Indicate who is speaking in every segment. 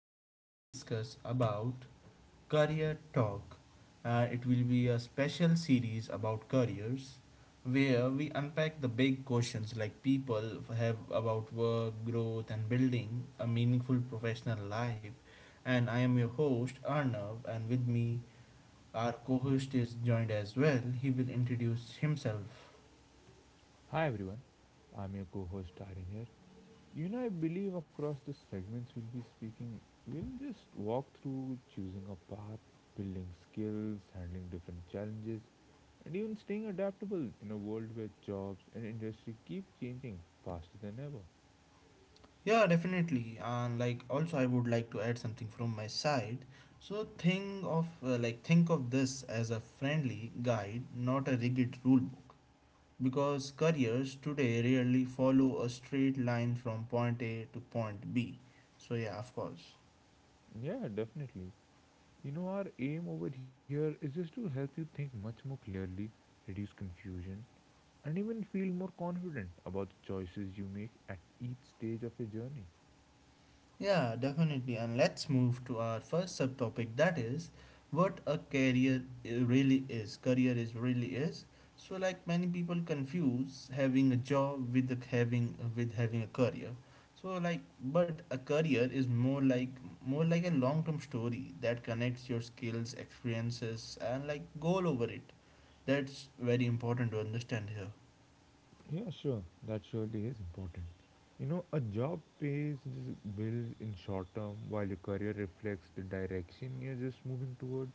Speaker 1: we are gonna discuss about career talk. It will be a special series about careers where we unpack the big questions like people have about work, growth, and building a meaningful professional life. And I am your host, Arnav, and with me, our co host is joined as well. He will introduce himself.
Speaker 2: Hi everyone, I'm your co-host Aryan here. You know, I believe across the segments we'll be speaking, we'll just walk through choosing a path, building skills, handling different challenges, and even staying adaptable in a world where jobs and industry keep changing faster than ever.
Speaker 1: Yeah, definitely. And like also I would like to add something from my side. So think of this as a friendly guide, not a rigid rule book. Because careers today rarely follow a straight line from point A to point B. So yeah, of course.
Speaker 2: Yeah, definitely. You know, our aim over here is just to help you think much more clearly, reduce confusion, and even feel more confident about the choices you make at each stage of your journey.
Speaker 1: Yeah, definitely. And let's move to our first subtopic, that is what a career really is. Career is really is. So like many people confuse having a job with a- having with having a career. So like, but a career is more like, a long-term story that connects your skills, experiences, and like goal over it. That's very important to understand here.
Speaker 2: Yeah, sure. That surely is important. You know, a job pays these bills in short term while your career reflects the direction you're just moving towards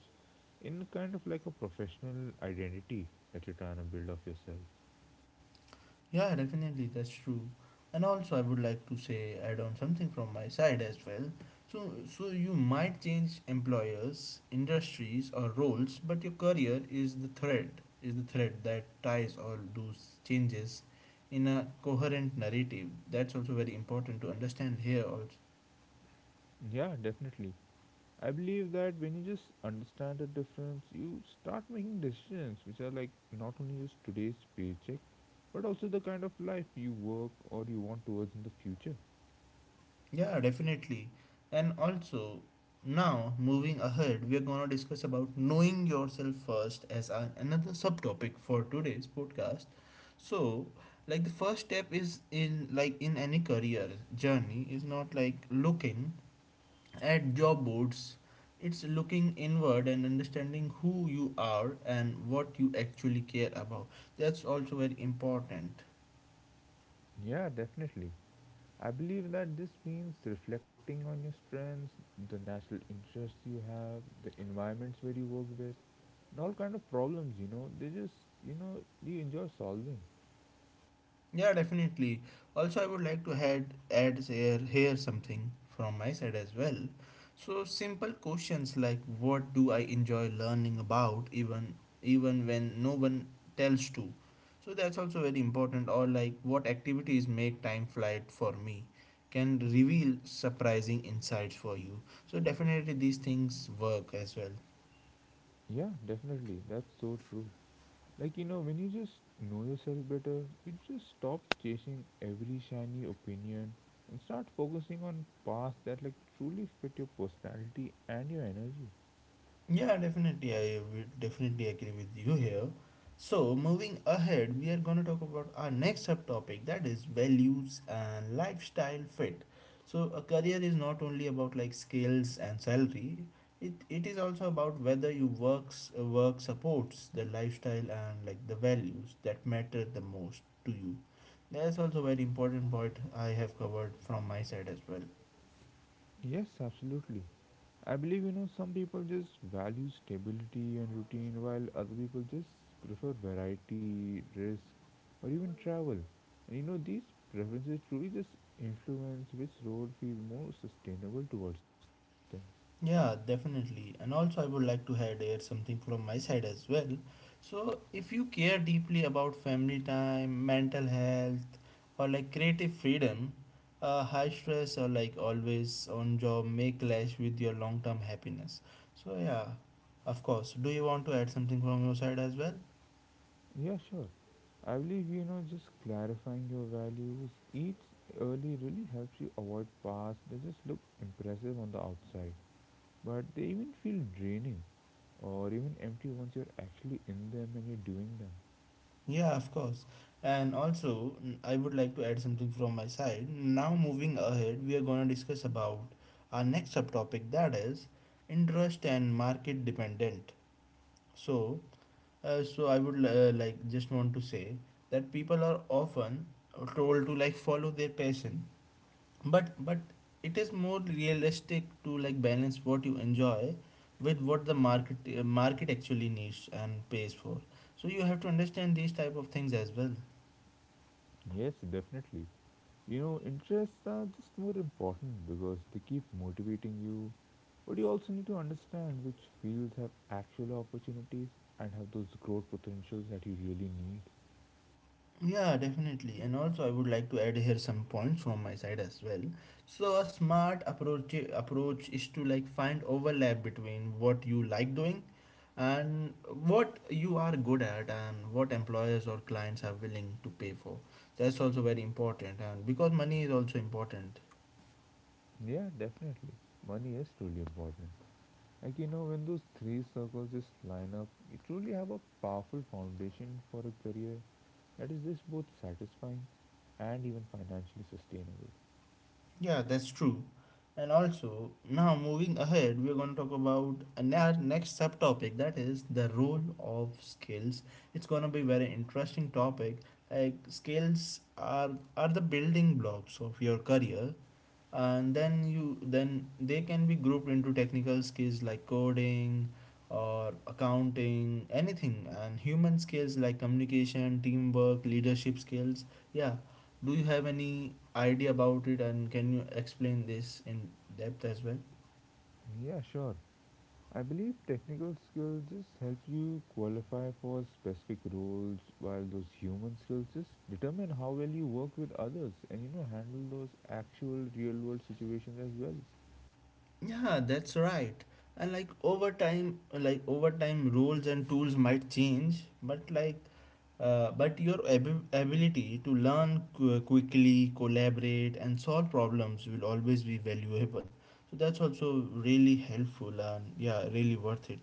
Speaker 2: in kind of like a professional identity that you're trying to build of yourself.
Speaker 1: Yeah, definitely, that's true. And also, I would like to say, add on something from my side as well. So, you might change employers, industries, or roles, but your career is the thread, that ties all those changes in a coherent narrative. That's also very important to understand here also.
Speaker 2: Yeah, definitely. I believe that when you just understand the difference, you start making decisions which are like not only just today's paycheck, but also the kind of life you work or you want towards in the future.
Speaker 1: Yeah, definitely. And also, now moving ahead, we are going to discuss about knowing yourself first as a, another subtopic for today's podcast. So, like the first step is in like in any career journey is not like looking at job boards. It's looking inward and understanding who you are and what you actually care about. That's also very important.
Speaker 2: Yeah, definitely. I believe that this means reflecting on your strengths, the national interests you have, the environments where you work with, and all kind of problems, you know, they just, you know, you enjoy solving.
Speaker 1: Yeah, definitely. Also, I would like to add here something from my side as well. So simple questions like what do I enjoy learning about, even when no one tells to. So that's also very important. Or like what activities make time flight for me can reveal surprising insights for you. So definitely these things work as well.
Speaker 2: Yeah, definitely. That's so true. Like, you know, when you just know yourself better, you just stop chasing every shiny opinion and start focusing on paths that like truly fit your personality and your energy.
Speaker 1: Yeah, definitely. I would definitely agree with you here. So, moving ahead, we are going to talk about our next subtopic, that is values and lifestyle fit. So, a career is not only about like skills and salary. It is also about whether your work supports the lifestyle and like the values that matter the most to you. That's also very important point I have covered from my side as well.
Speaker 2: Yes, absolutely. I believe you know some people just value stability and routine while other people just prefer variety, risk, or even travel. And you know these preferences truly just influence which road feels more sustainable towards them.
Speaker 1: Yeah, definitely. And also, I would like to add here something from my side as well. So, if you care deeply about family time, mental health, or like creative freedom, high stress or like always on job may clash with your long term happiness. So, yeah, of course. Do you want to add something from your side as well?
Speaker 2: Yeah, sure. I believe you know just clarifying your values each early really helps you avoid paths that just look impressive on the outside, but they even feel draining or even empty once you're actually in them and you're doing them.
Speaker 1: Yeah, of course. And also, I would like to add something from my side. Now, moving ahead, we are going to discuss about our next subtopic, that is interest and market dependent. So, so I would like just want to say that people are often told to like follow their passion, but, it is more realistic to like balance what you enjoy with what the market actually needs and pays for. So you have to understand these type of things as well.
Speaker 2: Yes, definitely. You know, interests are just more important because they keep motivating you, but you also need to understand which fields have actual opportunities and have those growth potentials that you really need.
Speaker 1: Yeah, definitely. And also, I would like to add here some points from my side as well. So, a smart approach is to like find overlap between what you like doing and what you are good at and what employers or clients are willing to pay for. That's also very important, and because money is also important.
Speaker 2: Yeah, definitely. Money is truly important. Like, you know, when those three circles just line up, you truly have a powerful foundation for a career that is just both satisfying and even financially sustainable.
Speaker 1: Yeah, that's true. And also, now moving ahead, we're going to talk about our next subtopic, that is the role of skills. It's going to be very interesting topic. Like skills are the building blocks of your career, and then you, then they can be grouped into technical skills like coding or accounting anything, and human skills like communication, teamwork, leadership skills. Yeah, do you have any idea about it and can you explain this in depth as well?
Speaker 2: Yeah, sure. I believe technical skills just help you qualify for specific roles, while those human skills just determine how well you work with others and you know handle those actual real world situations as well.
Speaker 1: Yeah, that's right. And like over time, rules and tools might change, but your ability to learn quickly, collaborate, and solve problems will always be valuable. So that's also really helpful, and yeah, really worth it.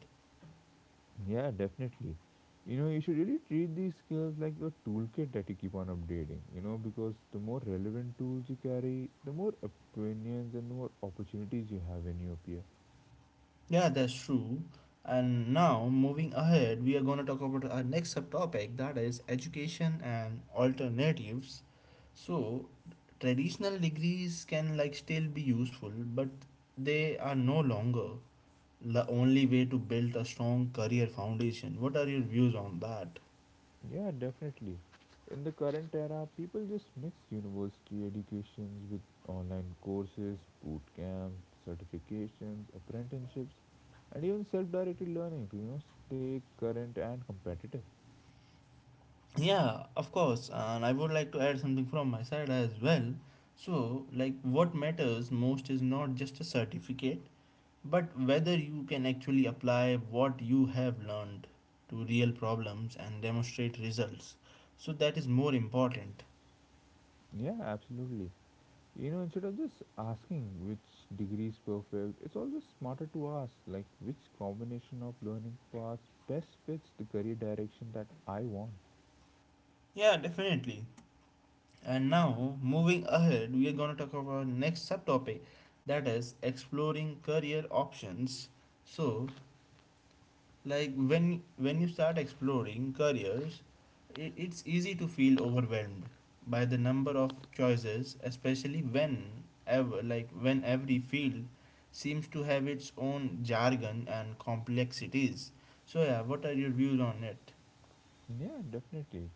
Speaker 2: Yeah, definitely. You know, you should really treat these skills like a toolkit that you keep on updating, you know, because the more relevant tools you carry, the more opinions and more opportunities you have when you appear.
Speaker 1: Yeah, that's true. And now, moving ahead, we are going to talk about our next subtopic, that is education and alternatives. So, traditional degrees can like still be useful, but they are no longer the only way to build a strong career foundation. What are your views on that?
Speaker 2: Yeah, definitely. In the current era, people just mix university educations with online courses, boot camps, certifications, apprenticeships, and even self-directed learning to you know stay current and competitive.
Speaker 1: Yeah, of course. And I would like to add something from my side as well. So, like, what matters most is not just a certificate, but whether you can actually apply what you have learned to real problems and demonstrate results, so that is more important.
Speaker 2: Yeah, absolutely. You know, instead of just asking which degree is perfect, it's always smarter to ask like which combination of learning paths best fits the career direction that I want.
Speaker 1: Yeah, definitely. And now moving ahead, we are going to talk about next subtopic, that is exploring career options. So, like when you start exploring careers, it's easy to feel overwhelmed by the number of choices, especially when, every field seems to have its own jargon and complexities. So yeah, what are your views on it?
Speaker 2: Yeah, definitely.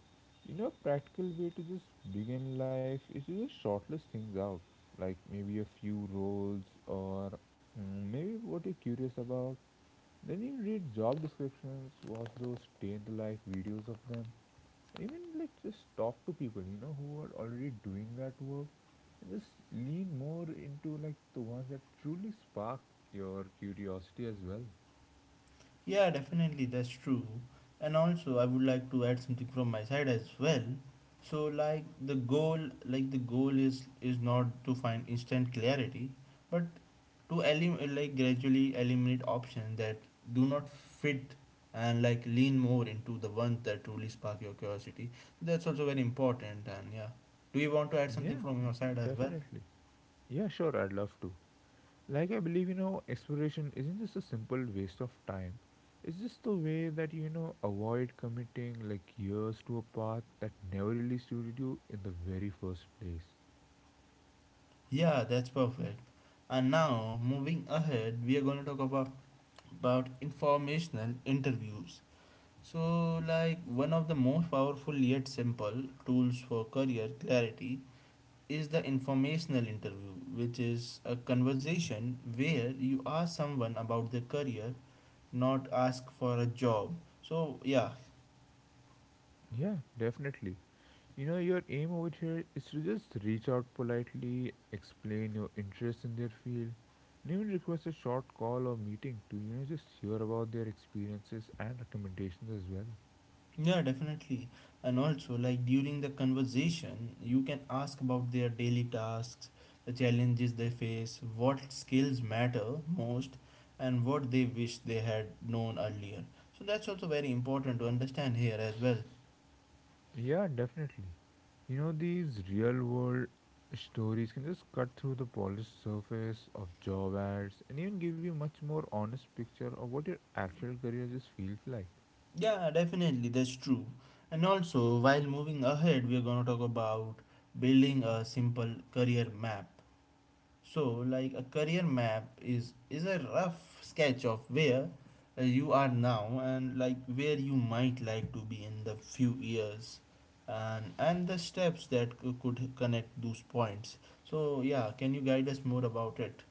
Speaker 2: You know, a practical way to just begin life is to just shortlist things out, like maybe a few roles or maybe what you're curious about. Then you read job descriptions, watch those day in the life videos of them, even like just talk to people, you know, who are already doing that work. And just lean more into like the ones that truly spark your curiosity as well.
Speaker 1: Yeah, definitely, that's true. And also, I would like to add something from my side as well. So, like the goal is not to find instant clarity, but to gradually eliminate options that do not fit, and like lean more into the ones that truly spark your curiosity. So, that's also very important. And yeah, do you want to add something
Speaker 2: Yeah,
Speaker 1: from your side as well?
Speaker 2: definitely. Yeah, sure, I'd love to. Like I believe, you know, exploration isn't just a simple waste of time. It's just the way that you know avoid committing like years to a path that never really suited you in the very first place.
Speaker 1: Yeah, that's perfect. And now, moving ahead, we are going to talk about informational interviews. So, like one of the most powerful yet simple tools for career clarity is the informational interview, which is a conversation where you ask someone about their career, not ask for a job. So, yeah.
Speaker 2: Yeah, definitely. You know, your aim over here is to just reach out politely, explain your interest in their field, and even request a short call or meeting to you know just hear about their experiences and recommendations as well.
Speaker 1: Yeah, definitely. And also, like during the conversation, you can ask about their daily tasks, the challenges they face, what skills matter most, and what they wish they had known earlier. So, that's also very important to understand here as well.
Speaker 2: Yeah, definitely. You know, these real world stories can just cut through the polished surface of job ads and even give you much more honest picture of what your actual career just feels like.
Speaker 1: Yeah, definitely, that's true. And also, while moving ahead, we are going to talk about building a simple career map. So, like a career map is a rough sketch of where you are now and like where you might like to be in the few years, and the steps that could connect those points. So, yeah, can you guide us more about it?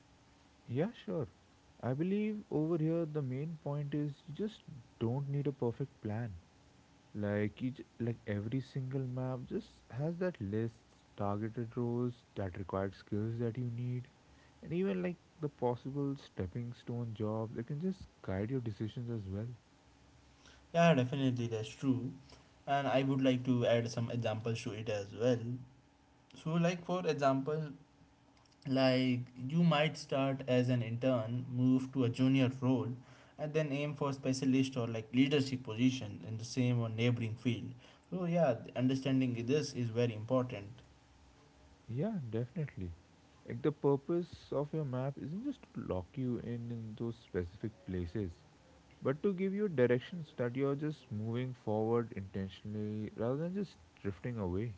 Speaker 2: Yeah, sure. I believe over here the main point is you just don't need a perfect plan. Like each, like every single map just has that list, targeted roles, that required skills that you need, and even like the possible stepping stone jobs that can just guide your decisions as well.
Speaker 1: Yeah, definitely that's true. And I would like to add some examples to it as well. So, like for example, like you might start as an intern, move to a junior role, and then aim for specialist or like leadership position in the same or neighboring field. So yeah, understanding this is very important.
Speaker 2: Yeah, definitely. Like the purpose of your map isn't just to lock you in those specific places, but to give you directions that you're just moving forward intentionally rather than just drifting away.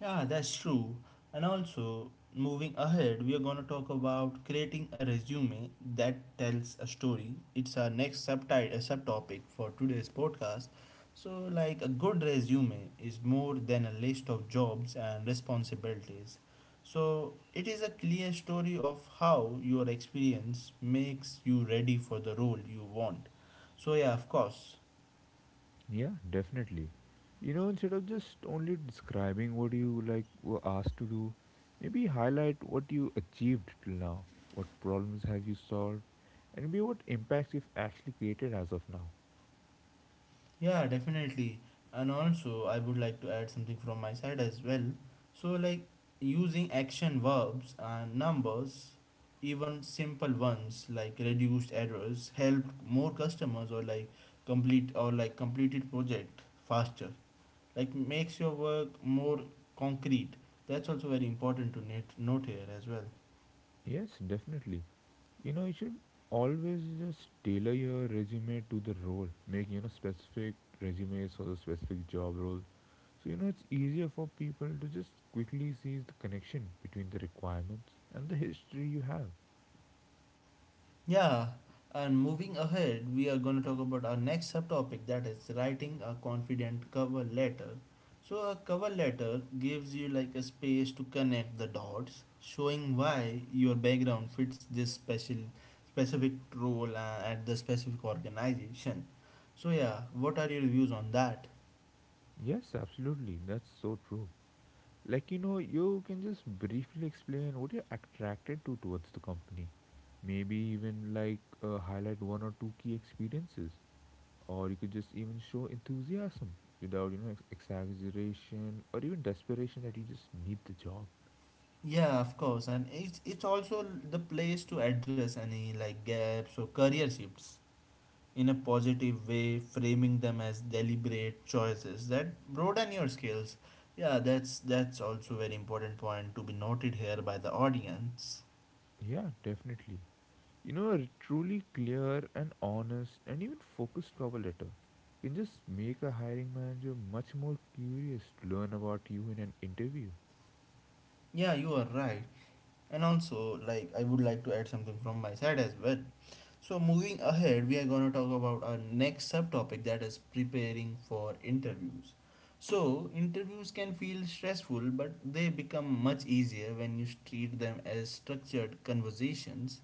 Speaker 1: Yeah, that's true. And also, moving ahead, we are going to talk about creating a resume that tells a story. It's our next subtopic for today's podcast. So, like a good resume is more than a list of jobs and responsibilities. So, it is a clear story of how your experience makes you ready for the role you want. So, yeah, of course.
Speaker 2: Yeah, definitely. You know, instead of just only describing what you like were asked to do, maybe highlight what you achieved till now, what problems have you solved, and maybe what impacts you've actually created as of now.
Speaker 1: Yeah, definitely. And also, I would like to add something from my side as well. So, like using action verbs and numbers, even simple ones like reduced errors, helped more customers, or like completed project faster. Like makes your work more concrete. That's also very important to note here as well.
Speaker 2: Yes, definitely. You know, you should always just tailor your resume to the role. Make, you know, specific resumes for the specific job role. So, you know, it's easier for people to just quickly seize the connection between the requirements and the history you have.
Speaker 1: Yeah, and moving ahead, we are going to talk about our next subtopic, that is writing a confident cover letter. So, a cover letter gives you like a space to connect the dots, showing why your background fits this special specific role at the specific organization. So, yeah, what are your views on that?
Speaker 2: Yes, absolutely. That's so true. Like, you know, you can just briefly explain what you're attracted to towards the company. Maybe even like highlight one or two key experiences or you could just even show enthusiasm without you know exaggeration or even desperation that you just need the job.
Speaker 1: Yeah, of course, and it's also the place to address any like gaps or career shifts in a positive way, framing them as deliberate choices that broaden your skills. Yeah, that's also very important point to be noted here by the audience.
Speaker 2: Yeah, definitely. You know, a truly clear and honest and even focused cover letter can just make a hiring manager much more curious to learn about you in an interview.
Speaker 1: Yeah, you are right. And also, like I would like to add something from my side as well. So moving ahead, we are gonna talk about our next subtopic, that is preparing for interviews. So interviews can feel stressful, but they become much easier when you treat them as structured conversations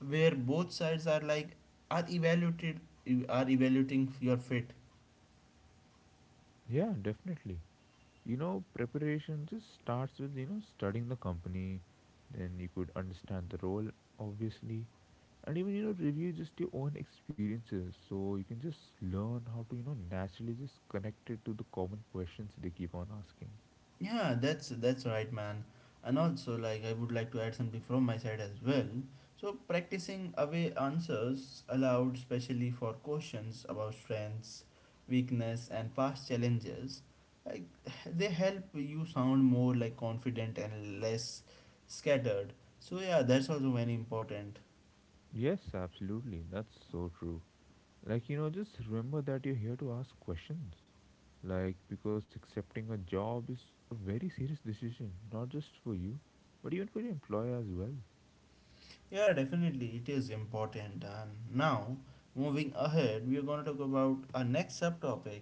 Speaker 1: where both sides are like are evaluated are evaluating your fit.
Speaker 2: Yeah, definitely. You know, preparation just starts with you know studying the company, then you could understand the role, obviously, and even you know review just your own experiences so you can just learn how to you know naturally just connect it to the common questions they keep on asking.
Speaker 1: Yeah, that's right, man. And also, like I would like to add something from my side as well. So practicing away answers allowed, especially for questions about strengths, weakness and past challenges. Like, they help you sound more like confident and less scattered. So yeah, that's also very important.
Speaker 2: Yes, absolutely. That's so true. Like, you know, just remember that you're here to ask questions, like because accepting a job is a very serious decision not just for you, but even for your employer as well.
Speaker 1: Yeah, definitely, it is important. And now, moving ahead, we are going to talk about our next subtopic,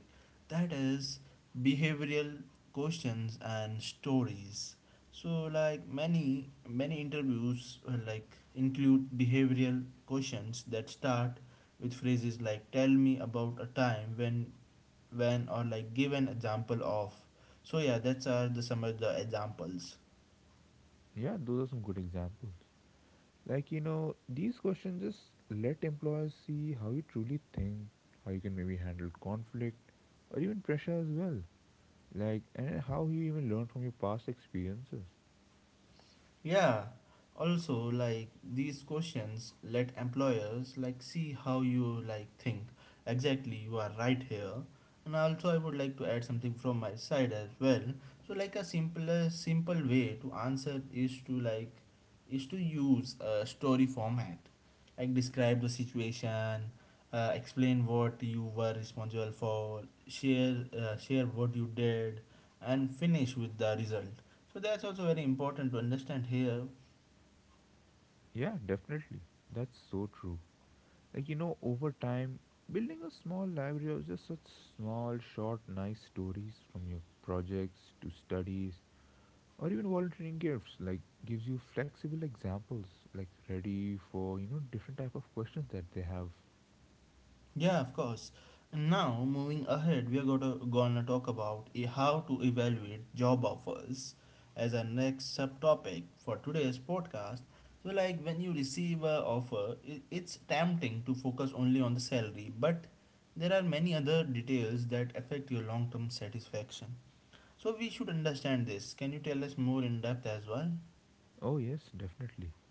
Speaker 1: that is behavioral questions and stories. So, like many interviews, like include behavioral questions that start with phrases like tell me about a time when or like give an example of. So yeah, that's are the some of the examples.
Speaker 2: Yeah, those are some good examples. Like, you know, these questions just let employers see how you truly think, how you can maybe handle conflict or even pressure as well. Like, and how you even learn from your past experiences.
Speaker 1: Yeah. Also, like these questions let employers like see how you like think. Exactly, you are right here. And also, I would like to add something from my side as well. So, like a simple way to answer is to like is to use a story format, like describe the situation, explain what you were responsible for, share what you did, and finish with the result. So that's also very important to understand here.
Speaker 2: Yeah, definitely. That's so true. Like, you know, over time, building a small library of just such small, short, nice stories from your projects to studies or even volunteering gifts, like, gives you flexible examples, like, ready for, you know, different type of questions that they have.
Speaker 1: Yeah, of course. And now moving ahead, we are gonna talk about how to evaluate job offers as our next subtopic for today's podcast. So like when you receive a offer, it's tempting to focus only on the salary, but there are many other details that affect your long-term satisfaction. So we should understand this. Can you tell us more in depth as well?
Speaker 2: Oh, yes, definitely.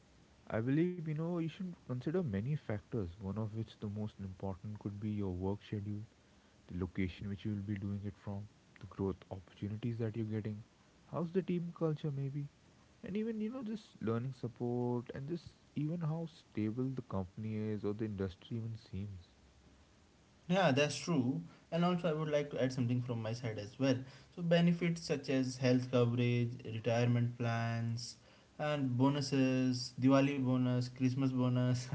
Speaker 2: I believe, you know, you should consider many factors, one of which the most important could be your work schedule, the location which you will be doing it from, the growth opportunities that you're getting, how's the team culture maybe, and even, you know, just learning support and just even how stable the company is or the industry even seems.
Speaker 1: Yeah, that's true. And also, I would like to add something from my side as well. So, benefits such as health coverage, retirement plans, and bonuses, Diwali bonus, Christmas bonus,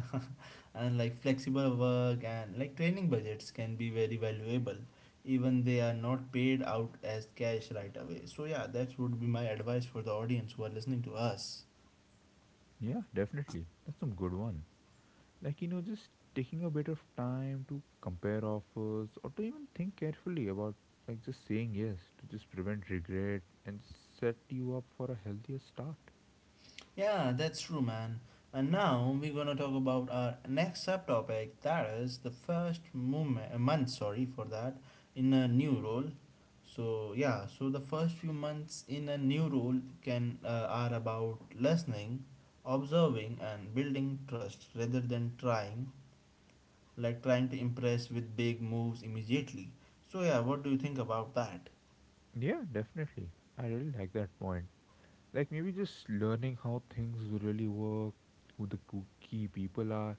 Speaker 1: and like flexible work and like training budgets can be very valuable. Even they are not paid out as cash right away. So, yeah, that would be my advice for the audience who are listening to us.
Speaker 2: Yeah, definitely. That's some good one. Like, you know, just taking a bit of time to compare offers or to even think carefully about like just saying yes to just prevent regret and set you up for a healthier start.
Speaker 1: Yeah, that's true, man. And now we're gonna talk about our next subtopic. That is the first moment, month. Sorry for that. In a new role, so yeah, so the first few months in a new role can are about listening, observing, and building trust rather than trying to impress with big moves immediately. So yeah, what do you think about that?
Speaker 2: Yeah, definitely. I really like that point. Like maybe just learning how things really work, who the key people are,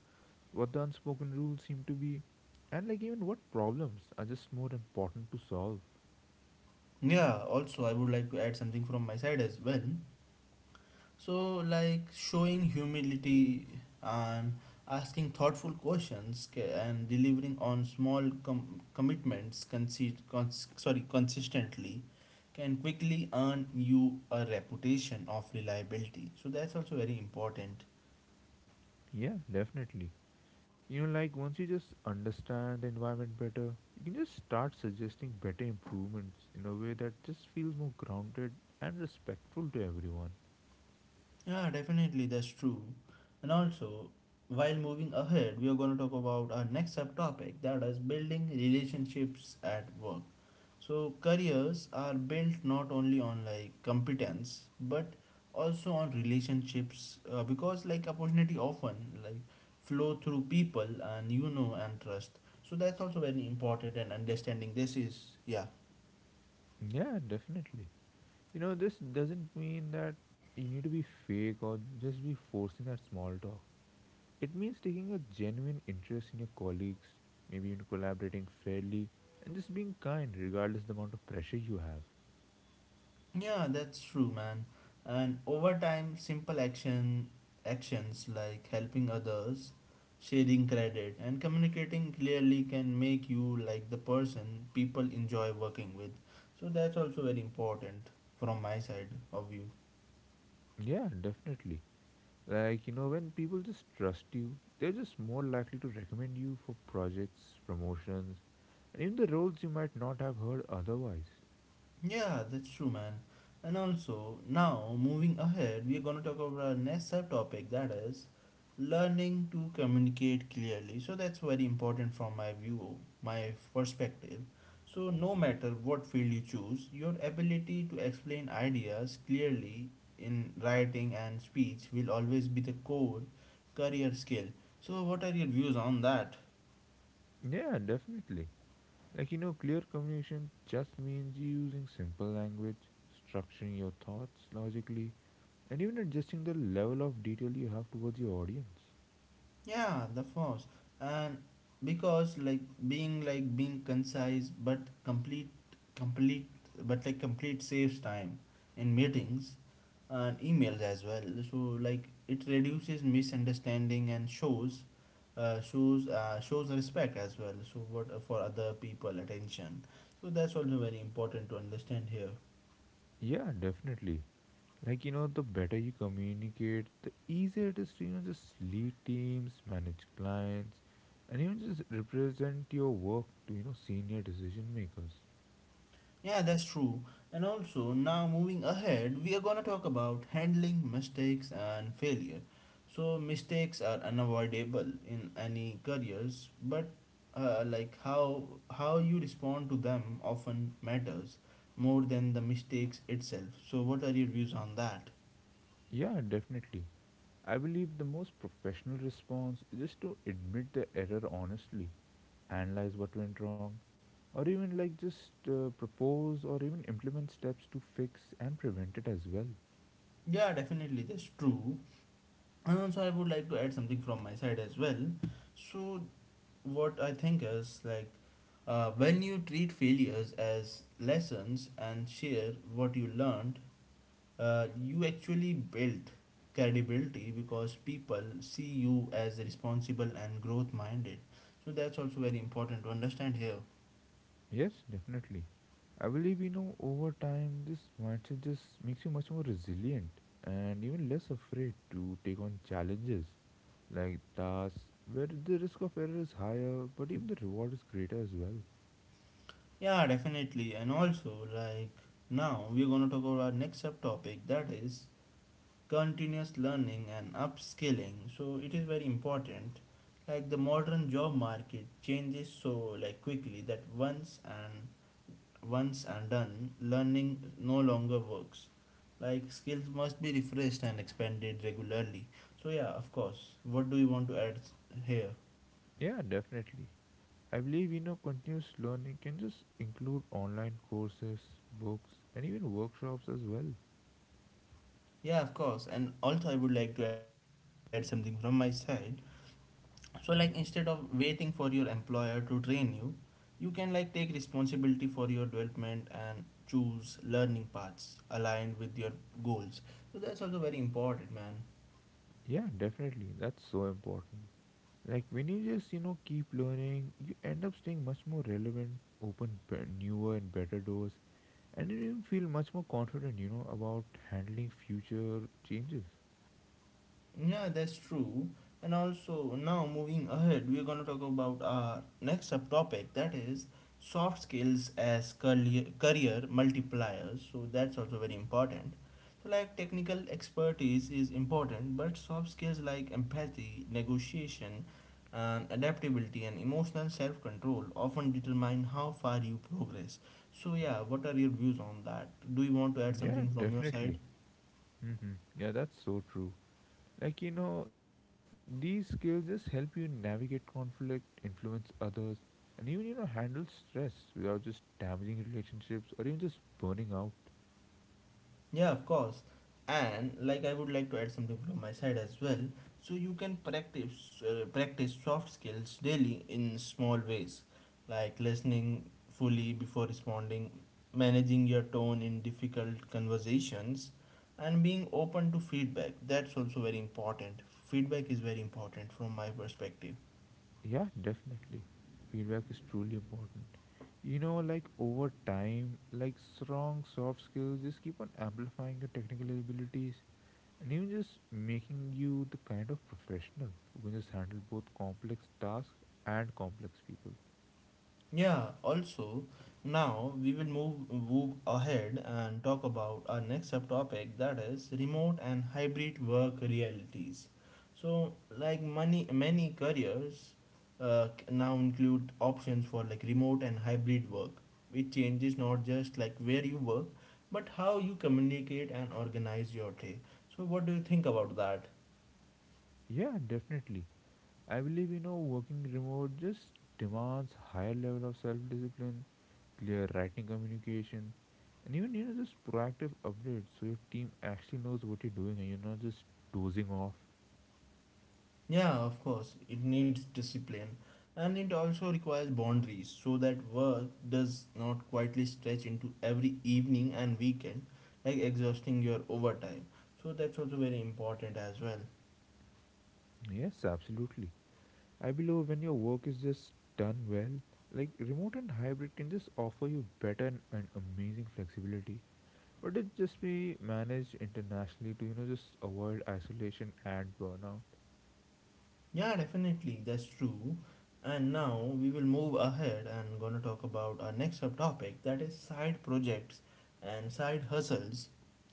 Speaker 2: what the unspoken rules seem to be, and like even what problems are just more important to solve.
Speaker 1: Yeah, also I would like to add something from my side as well. So, like showing humility and asking thoughtful questions and delivering on small commitments consistently can quickly earn you a reputation of reliability. So, that's also very important.
Speaker 2: Yeah, definitely. You know, like once you just understand the environment better, you can just start suggesting better improvements in a way that just feels more grounded and respectful to everyone.
Speaker 1: Yeah, definitely, that's true. And also, while moving ahead, we are going to talk about our next subtopic that is building relationships at work. So careers are built not only on like competence but also on relationships because like opportunity often like flow through people and you know and trust. So that's also very important and understanding this is yeah.
Speaker 2: Yeah, definitely. You know, this doesn't mean that you need to be fake or just be forcing that small talk. It means taking a genuine interest in your colleagues, maybe in collaborating fairly, and just being kind regardless the amount of pressure you have.
Speaker 1: Yeah, that's true, man. And over time, simple action actions like helping others, sharing credit, and communicating clearly can make you like the person people enjoy working with. So that's also very important from my side of view.
Speaker 2: Yeah, definitely. Like, you know, when people just trust you, they're just more likely to recommend you for projects, promotions, and even the roles you might not have heard otherwise.
Speaker 1: Yeah, that's true, man. And also, now moving ahead, we are going to talk about our next subtopic that is learning to communicate clearly. So, that's very important from my view, my perspective. So, no matter what field you choose, your ability to explain ideas clearly in writing and speech will always be the core career skill. So, what are your views on that?
Speaker 2: Yeah, definitely. Like, you know, clear communication just means you using simple language, structuring your thoughts logically, and even adjusting the level of detail you have towards your audience.
Speaker 1: Yeah, the force. And because being concise but complete complete but like complete saves time in meetings and emails as well. So like it reduces misunderstanding and shows shows respect as well. So what for other people attention. So that's also very important to understand here.
Speaker 2: Yeah, definitely. Like, you know, the better you communicate, the easier it is to, you know, just lead teams, manage clients, and even just represent your work to, you know, senior decision makers.
Speaker 1: Yeah, that's true. And also, now moving ahead, we are gonna talk about handling mistakes and failure. So, mistakes are unavoidable in any careers, but like how you respond to them often matters more than the mistakes itself. So, what are your views on that?
Speaker 2: Yeah, definitely. I believe the most professional response is just to admit the error honestly, analyze what went wrong, or even like just propose or even implement steps to fix and prevent it as well.
Speaker 1: Yeah, definitely, that's true. And also, I would like to add something from my side as well. So, what I think is like when you treat failures as lessons and share what you learned, you actually build credibility because people see you as responsible and growth minded. So that's also very important to understand here.
Speaker 2: Yes, definitely. I believe over time this mindset just makes you much more resilient and even less afraid to take on challenges like tasks where the risk of error is higher but even the reward is greater as well.
Speaker 1: Yeah, definitely. And also, like now we're going to talk about our next subtopic that is continuous learning and upskilling. So it is very important, like the modern job market changes so like quickly that once and done learning no longer works. Like skills must be refreshed and expanded regularly. So yeah, of course, what do you want to add here?
Speaker 2: Yeah, definitely. I believe continuous learning can just include online courses, books, and even workshops as well.
Speaker 1: Yeah, of course. And also I would like to add something from my side. So like instead of waiting for your employer to train you, you can like take responsibility for your development and choose learning paths aligned with your goals. So that's also very important, man.
Speaker 2: Yeah, definitely. That's so important. Like when you just keep learning, you end up staying much more relevant, newer and better doors, and you even feel much more confident, about handling future changes.
Speaker 1: Yeah, that's true. And also, now moving ahead, we're going to talk about our next subtopic that is soft skills as career multipliers. So, that's also very important. So, like technical expertise is important, but soft skills like empathy, negotiation, and adaptability and emotional self control often determine how far you progress. So, yeah, what are your views on that? Do you want to add
Speaker 2: Yeah,
Speaker 1: something from your side?
Speaker 2: definitely. Yeah, that's so true. Like these skills just help you navigate conflict, influence others, and even handle stress without just damaging relationships or even just burning out.
Speaker 1: Yeah, of course. And like I would like to add something from my side as well. So you can practice soft skills daily in small ways, like listening fully before responding, managing your tone in difficult conversations, and being open to feedback. That's also very important. Feedback is very important from my perspective.
Speaker 2: Yeah, definitely. Feedback is truly important. Like over time, like strong soft skills just keep on amplifying your technical abilities and even just making you the kind of professional who can just handle both complex tasks and complex people.
Speaker 1: Yeah, also, now we will move ahead and talk about our next subtopic that is remote and hybrid work realities. So, like many careers now include options for like remote and hybrid work, which changes not just like where you work, but how you communicate and organize your day. So, what do you think about that?
Speaker 2: Yeah, definitely. I believe working remote just demands higher level of self-discipline, clear writing communication, and even just proactive updates so your team actually knows what you're doing and you're not just dozing off.
Speaker 1: Yeah, of course, it needs discipline and it also requires boundaries so that work does not quietly stretch into every evening and weekend, like exhausting your overtime. So, that's also very important as well.
Speaker 2: Yes, absolutely. I believe when your work is just done well, like remote and hybrid can just offer you better and amazing flexibility. But it just be managed internationally to just avoid isolation and burnout.
Speaker 1: Yeah, definitely, that's true. And now we will move ahead and gonna talk about our next subtopic that is side projects and side hustles.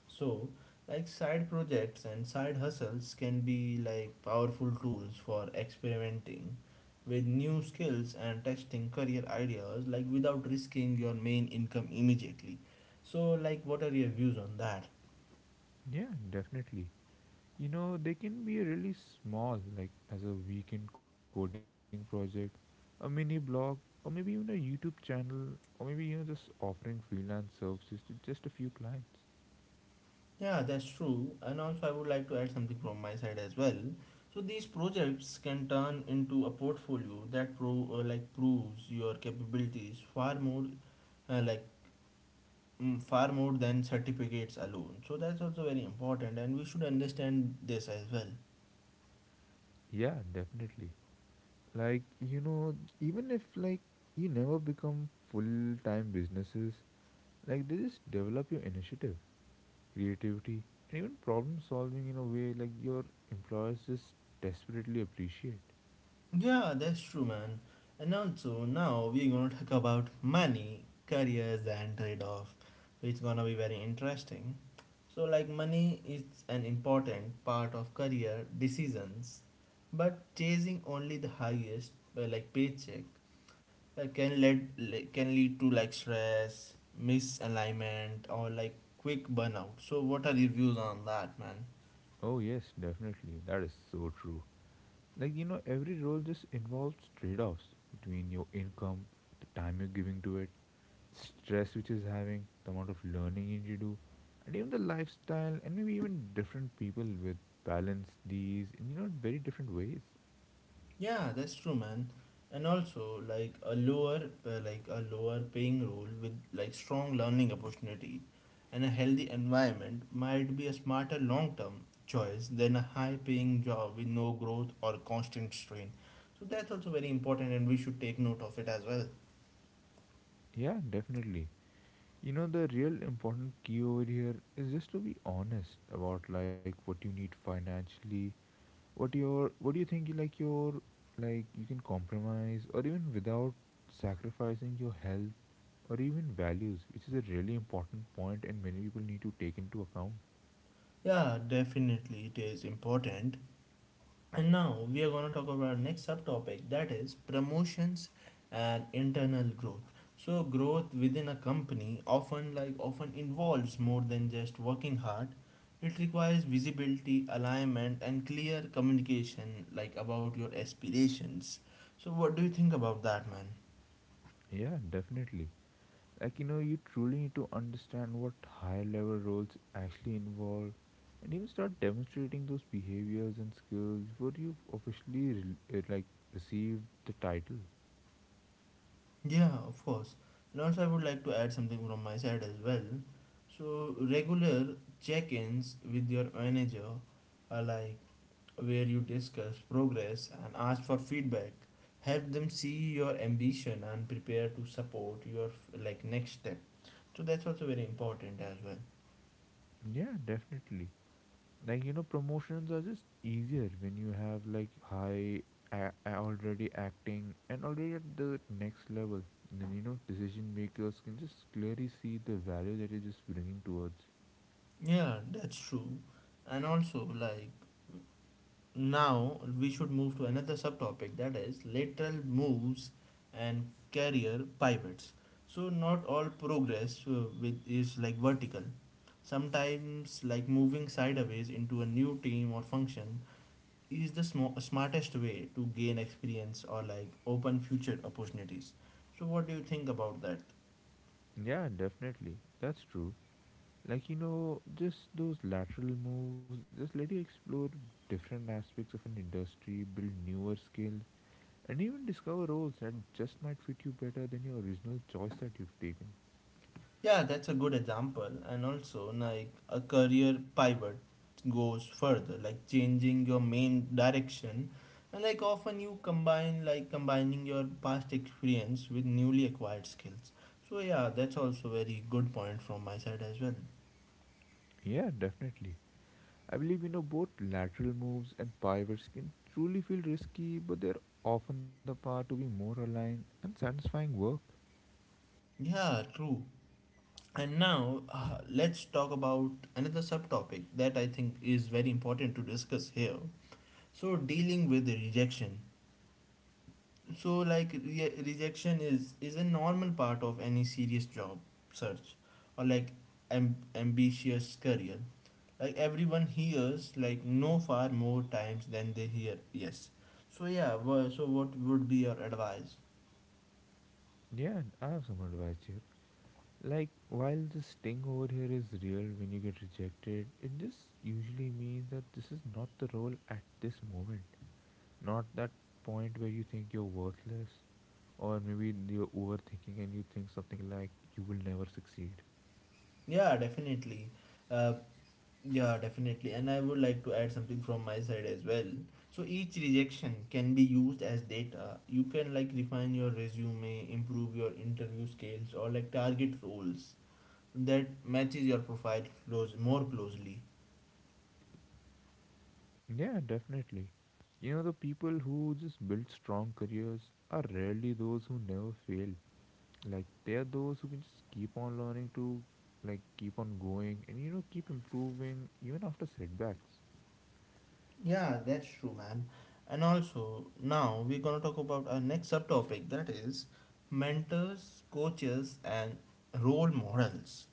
Speaker 1: So, like side projects and side hustles can be like powerful tools for experimenting with new skills and testing career ideas like without risking your main income immediately. So, like what are your views on that?
Speaker 2: Yeah, definitely. They can be really small, like as a weekend coding project, a mini blog, or maybe even a YouTube channel, or maybe just offering freelance services to just a few clients.
Speaker 1: Yeah, that's true. And also, I would like to add something from my side as well. So these projects can turn into a portfolio that proves your capabilities far more, uh, like far more than certificates alone. So that's also very important, and we should understand this as well.
Speaker 2: Yeah, definitely. Like, even if like you never become full-time businesses, like they just develop your initiative, creativity, and even problem solving in a way like your employers just desperately appreciate.
Speaker 1: Yeah, that's true, man. And also, now we're gonna talk about money, careers, and trade off. So, it's gonna be very interesting. So, like, money is an important part of career decisions, but chasing only the highest, paycheck can lead to like stress, misalignment, or like quick burnout. So, what are your views on that, man?
Speaker 2: Oh yes, definitely. That is so true. Like every role just involves trade-offs between your income, the time you're giving to it, stress which is having the amount of learning you need to do, and even the lifestyle, and maybe even different people with balance these in very different ways.
Speaker 1: Yeah, that's true, man. And also, like a lower paying role with like strong learning opportunity and a healthy environment might be a smarter long term choice than a high paying job with no growth or constant strain. So that's also very important, and we should take note of it as well.
Speaker 2: Yeah, definitely. The real important key over here is just to be honest about like what you need financially, what your what do you think you like your like you can compromise or even without sacrificing your health or even values, which is a really important point and many people need to take into account.
Speaker 1: Yeah, definitely, it is important. And now we are going to talk about our next subtopic that is promotions and internal growth. So growth within a company often involves more than just working hard. It requires visibility, alignment and clear communication like about your aspirations. So what do you think about that, man?
Speaker 2: Yeah, definitely. Like you truly need to understand what higher level roles actually involve, and even start demonstrating those behaviors and skills before you officially receive the title.
Speaker 1: Yeah, of course. And also I would like to add something from my side as well. So regular check-ins with your manager are like where you discuss progress and ask for feedback. Help them see your ambition and prepare to support your like next step. So that's also very important as well.
Speaker 2: Yeah, definitely. Like promotions are just easier when you have like high already acting and already at the next level, and then decision makers can just clearly see the value that you're just bringing towards.
Speaker 1: Yeah, that's true. And also like now we should move to another subtopic that is lateral moves and career pivots. So not all progress with is like vertical. Sometimes like moving sideways into a new team or function is the smartest way to gain experience or like open future opportunities. So, what do you think about that?
Speaker 2: Yeah, definitely, that's true. Like just those lateral moves just let you explore different aspects of an industry, build newer skills, and even discover roles that just might fit you better than your original choice that you've taken.
Speaker 1: Yeah, that's a good example, and also like a career pivot goes further, like changing your main direction. And like often you combine like combining your past experience with newly acquired skills. So yeah, that's also very good point from my side as well.
Speaker 2: Yeah, definitely. I believe both lateral moves and pivots can truly feel risky, but they're often the path to be more aligned and satisfying work.
Speaker 1: Yeah, true. And now let's talk about another subtopic that I think is very important to discuss here. So dealing with the rejection. So like rejection is a normal part of any serious job search or like ambitious career. Like everyone hears like no far more times than they hear yes. So yeah, so what would be your advice?
Speaker 2: Yeah, and I have some advice here. Like, while the sting over here is real when you get rejected, it just usually means that this is not the role at this moment. Not that point where you think you're worthless, or maybe you're overthinking and you think something like you will never succeed.
Speaker 1: Yeah, definitely. Uh, yeah, definitely. And I would like to add something from my side as well. So each rejection can be used as data. You can like refine your resume, improve your interview skills, or like target roles that matches your profile close more closely.
Speaker 2: Yeah, definitely. The people who just build strong careers are rarely those who never fail. Like, they are those who can just keep on learning to, like, keep on going and, keep improving even after setbacks.
Speaker 1: Yeah, that's true, man. And also now we're gonna talk about our next subtopic that is mentors, coaches, and role models.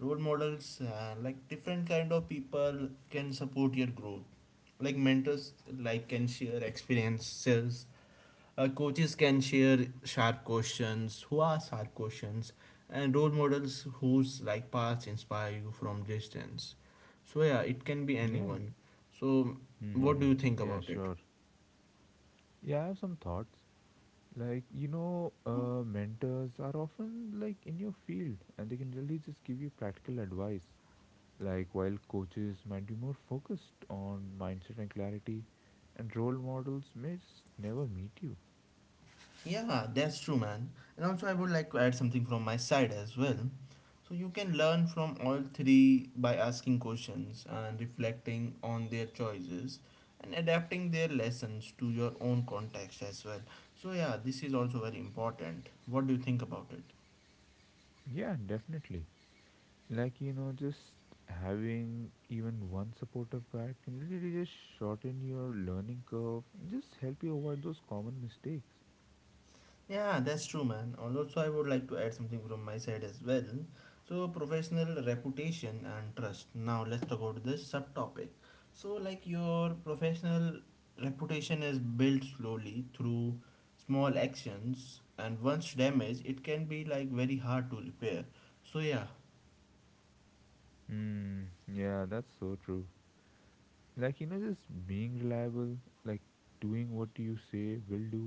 Speaker 1: Role models and like different kind of people can support your growth, like mentors like can share experiences, coaches can share sharp questions, who are sharp questions, and role models whose like paths inspire you from distance. So yeah, it can be
Speaker 2: Yeah.
Speaker 1: anyone. So what
Speaker 2: Mm-hmm.
Speaker 1: do you think
Speaker 2: Yeah,
Speaker 1: about it?
Speaker 2: sure. Yeah, I have some thoughts. Like, mentors are often like in your field and they can really just give you practical advice. Like, while coaches might be more focused on mindset and clarity, and role models may just never meet you.
Speaker 1: Yeah, that's true, man. And also, I would like to add something from my side as well. So, you can learn from all three by asking questions and reflecting on their choices and adapting their lessons to your own context as well. So, yeah, this is also very important. What do you think about it?
Speaker 2: Yeah, definitely. Like, just having even one supportive guide can really just shorten your learning curve and just help you avoid those common mistakes.
Speaker 1: Yeah, that's true, man. And also, I would like to add something from my side as well. So, professional reputation and trust. Now, let's talk about this subtopic. So, like your professional reputation is built slowly through small actions, and once damaged, it can be like very hard to repair. So, yeah,
Speaker 2: Mm, yeah, that's so true. Like just being reliable, like doing what you say will do,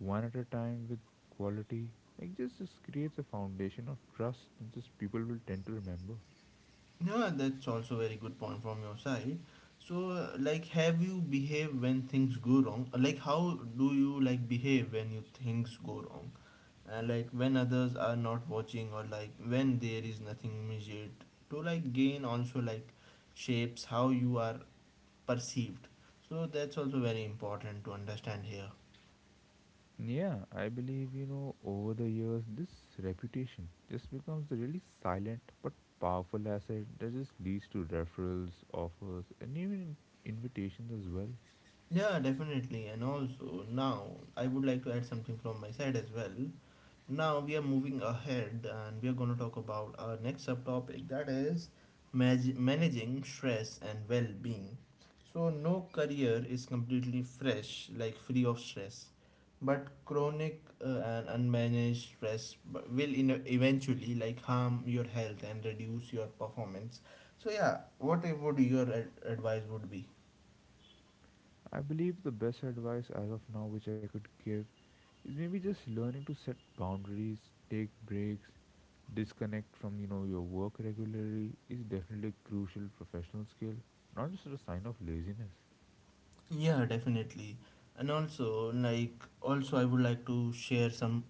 Speaker 2: one at a time with quality, like just creates a foundation of trust, and just people will tend to remember.
Speaker 1: yeah, that's also very good point from your side. So, like, have you behave when things go wrong? Like, how do you like behave when you things go wrong? And like when others are not watching, or like when there is nothing immediate to like gain, also like shapes how you are perceived. So that's also very important to understand here.
Speaker 2: Yeah, I believe over the years this reputation just becomes a really silent but powerful asset that just leads to referrals, offers, and even invitations as well.
Speaker 1: Yeah, definitely. And also now I would like to add something from my side as well. Now we are moving ahead and we are going to talk about our next subtopic that is managing stress and well-being. So no career is completely fresh, like free of stress, but chronic and unmanaged stress will eventually like harm your health and reduce your performance. So yeah, would your advice would be.
Speaker 2: I believe the best advice as of now which I could give is maybe just learning to set boundaries, take breaks, disconnect from your work regularly is definitely a crucial professional skill, not just a sign of laziness.
Speaker 1: Yeah, definitely. And also, like, also I would like to share some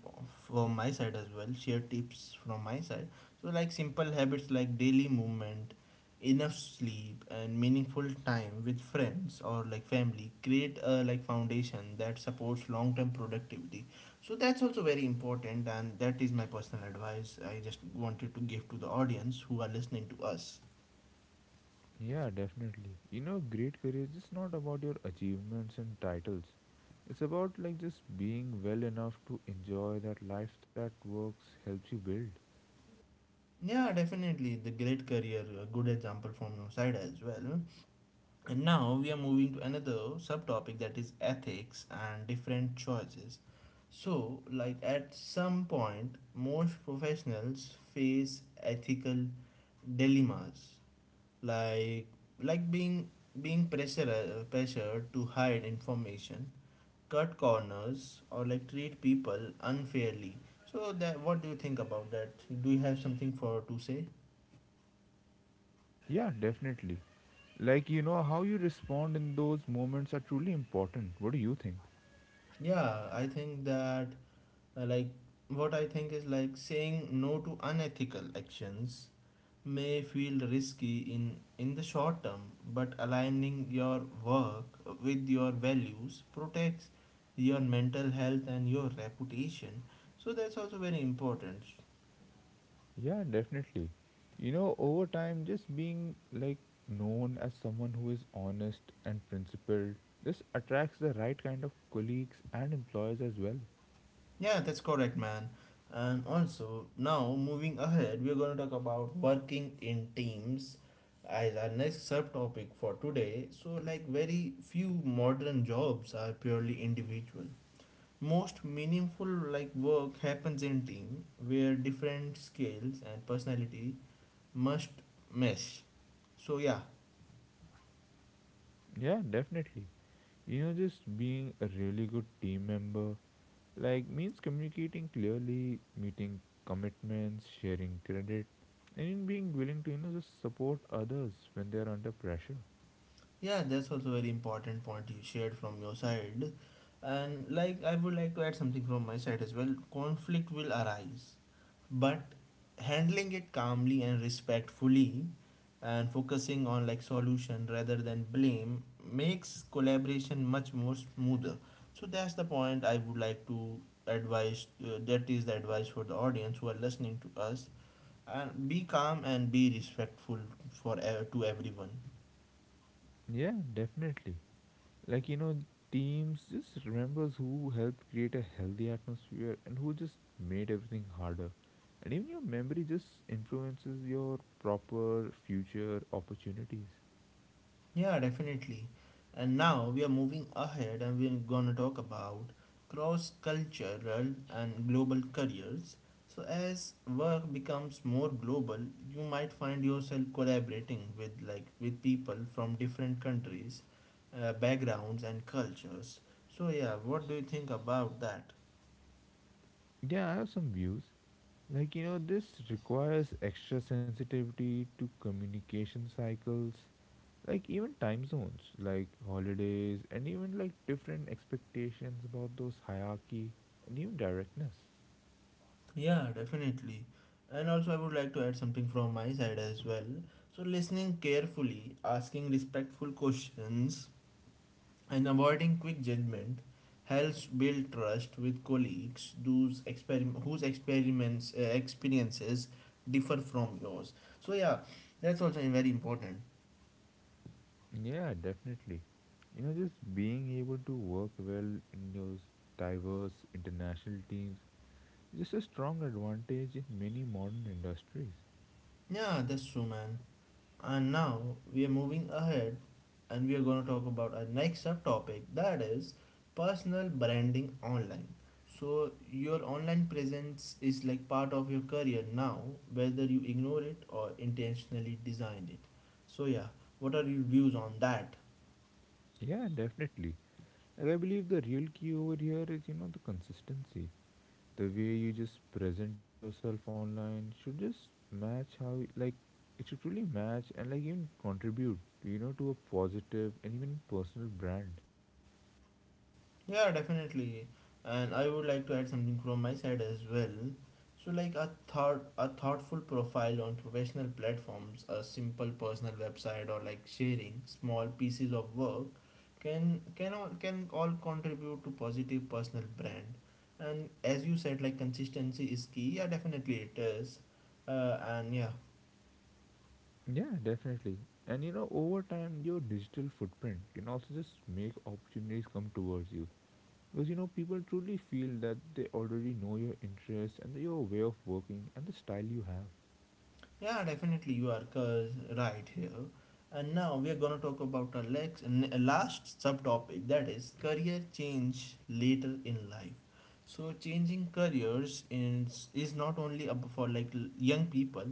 Speaker 1: from my side as well, share tips from my side. So, like, simple habits like daily movement, enough sleep, and meaningful time with friends or like family create a like foundation that supports long term productivity. So, that's also very important, and that is my personal advice I just wanted to give to the audience who are listening to us.
Speaker 2: Yeah, definitely. Great career is just not about your achievements and titles. It's about like just being well enough to enjoy that life that works helps you build.
Speaker 1: Yeah, definitely. The great career, a good example from your side as well. And now we are moving to another subtopic that is ethics and different choices. So, like at some point, most professionals face ethical dilemmas, like like being being pressure pressured to hide information, cut corners, or like treat people unfairly. So that what do you think about that? Do you have something for to say?
Speaker 2: Yeah, definitely. Like, how you respond in those moments are truly important. What do you think?
Speaker 1: Yeah, I think that like what I think is, like saying no to unethical actions may feel risky in the short term, but aligning your work with your values protects your mental health and your reputation. So that's also very important.
Speaker 2: Yeah, definitely. Over time, just being like known as someone who is honest and principled just attracts the right kind of colleagues and employers as well.
Speaker 1: Yeah, that's correct, man. And also, now moving ahead, we're going to talk about working in teams as our next subtopic for today. So, like, very few modern jobs are purely individual. Most meaningful like work happens in team where different skills and personality must mesh. So yeah,
Speaker 2: Yeah, definitely. Just being a really good team member like means communicating clearly, meeting commitments, sharing credit, and in being willing to just support others when they are under pressure.
Speaker 1: yeah, that's also very important point you shared from your side. And like I would like to add something from my side as well. Conflict will arise, but handling it calmly and respectfully and focusing on like solution rather than blame makes collaboration much more smoother. So that's the point I would like to advise, that is the advice for the audience who are listening to us, and be calm and be respectful for to everyone.
Speaker 2: Yeah, definitely. Like teams just remembers who helped create a healthy atmosphere and who just made everything harder. And even your memory just influences your proper future opportunities.
Speaker 1: Yeah, definitely. And now we are moving ahead and we're going to talk about cross cultural and global careers. So, as work becomes more global, you might find yourself collaborating with people from different countries, backgrounds and cultures. So, yeah, what do you think about that?
Speaker 2: Yeah, I have some views. Like this requires extra sensitivity to communication cycles, like even time zones, like holidays, and even like different expectations about those hierarchy and even directness.
Speaker 1: Yeah, definitely. And also, I would like to add something from my side as well. So, listening carefully, asking respectful questions, and avoiding quick judgment helps build trust with colleagues whose, whose experiments, experiences differ from yours. So yeah, that's also very important.
Speaker 2: Yeah, definitely. Just being able to work well in those diverse international teams is just a strong advantage in many modern industries.
Speaker 1: Yeah, that's true, man. And now we are moving ahead and we are going to talk about our next subtopic that is personal branding online. So, your online presence is like part of your career now, whether you ignore it or intentionally designed it. So, yeah, what are your views on that?
Speaker 2: Yeah, definitely. Like I believe the real key over here is, the consistency. The way you just present yourself online should just match how like it should truly match and like even contribute, to a positive and even personal brand.
Speaker 1: Yeah, definitely. And I would like to add something from my side as well. So like a thoughtful profile on professional platforms, a simple personal website or like sharing small pieces of work can all contribute to positive personal brand. And as you said, like consistency is key. Yeah, definitely it is. And yeah,
Speaker 2: Yeah, definitely. And over time, your digital footprint can also just make opportunities come towards you. Because people truly feel that they already know your interests and your way of working and the style you have.
Speaker 1: yeah, definitely you are cause right here. And now we are gonna talk about our last subtopic that is career change later in life. So changing careers is not only for like young people.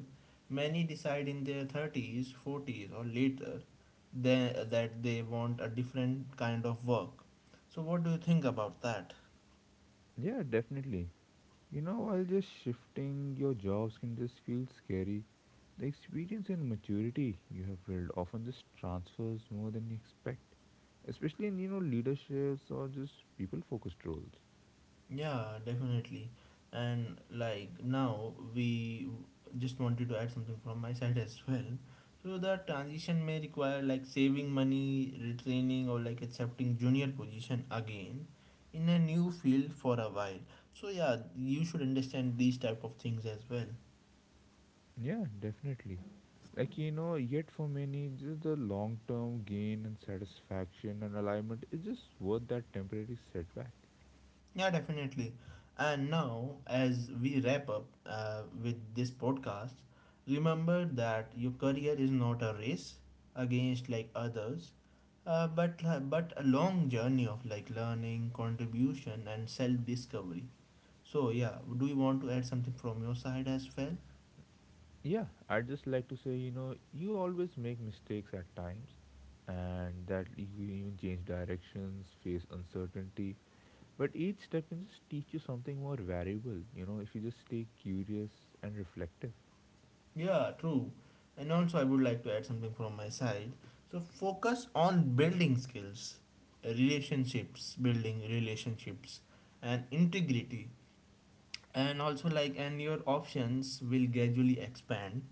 Speaker 1: Many decide in their thirties, forties, or later that they want a different kind of work. So what do you think about that?
Speaker 2: Yeah, definitely. While just shifting your jobs can just feel scary, the experience and maturity you have built often just transfers more than you expect, especially in leaderships or just people focused roles.
Speaker 1: Yeah, definitely. And like now, we just wanted to add something from my side as well. So the transition may require like saving money, retraining, or like accepting junior position again in a new field for a while. So yeah, you should understand these type of things as well.
Speaker 2: Yeah, definitely. Like yet for many just the long term gain and satisfaction and alignment is just worth that temporary setback.
Speaker 1: Yeah, definitely. And now, as we wrap up with this podcast, remember that your career is not a race against like others, but a long journey of like learning, contribution, and self discovery. So yeah, do you want to add something from your side as well?
Speaker 2: Yeah, I'd just like to say you always make mistakes at times, and that you even change directions, face uncertainty, but each step can just teach you something more valuable, if you just stay curious and reflective.
Speaker 1: Yeah, true. And also, I would like to add something from my side. So, focus on building skills, relationships, building relationships, and integrity. And also, like, and your options will gradually expand,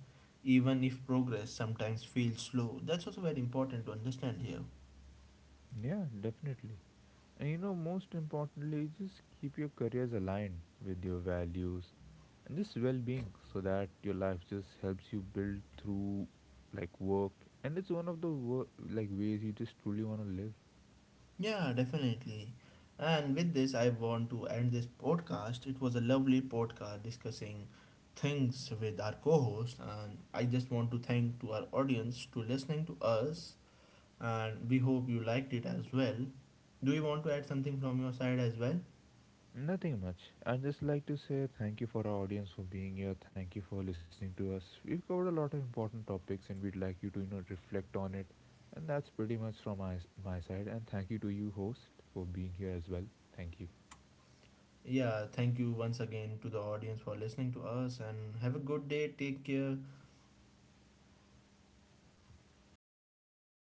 Speaker 1: even if progress sometimes feels slow. That's also very important to understand here.
Speaker 2: Yeah, definitely. And most importantly, just keep your careers aligned with your values and just well being so that your life just helps you build through like work. And it's one of the like ways you just truly want to live.
Speaker 1: Yeah, definitely. And with this, I want to end this podcast. It was a lovely podcast discussing things with our co-host, and I just want to thank to our audience to listening to us, and we hope you liked it as well. Do you want to add something from your side as well?
Speaker 2: Nothing much. I'd just like to say thank you for our audience for being here. Thank you for listening to us. We've covered a lot of important topics and we'd like you to, reflect on it. And that's pretty much from my side. And thank you to you, host, for being here as well. Thank you.
Speaker 1: Yeah, thank you once again to the audience for listening to us, and have a good day. Take care.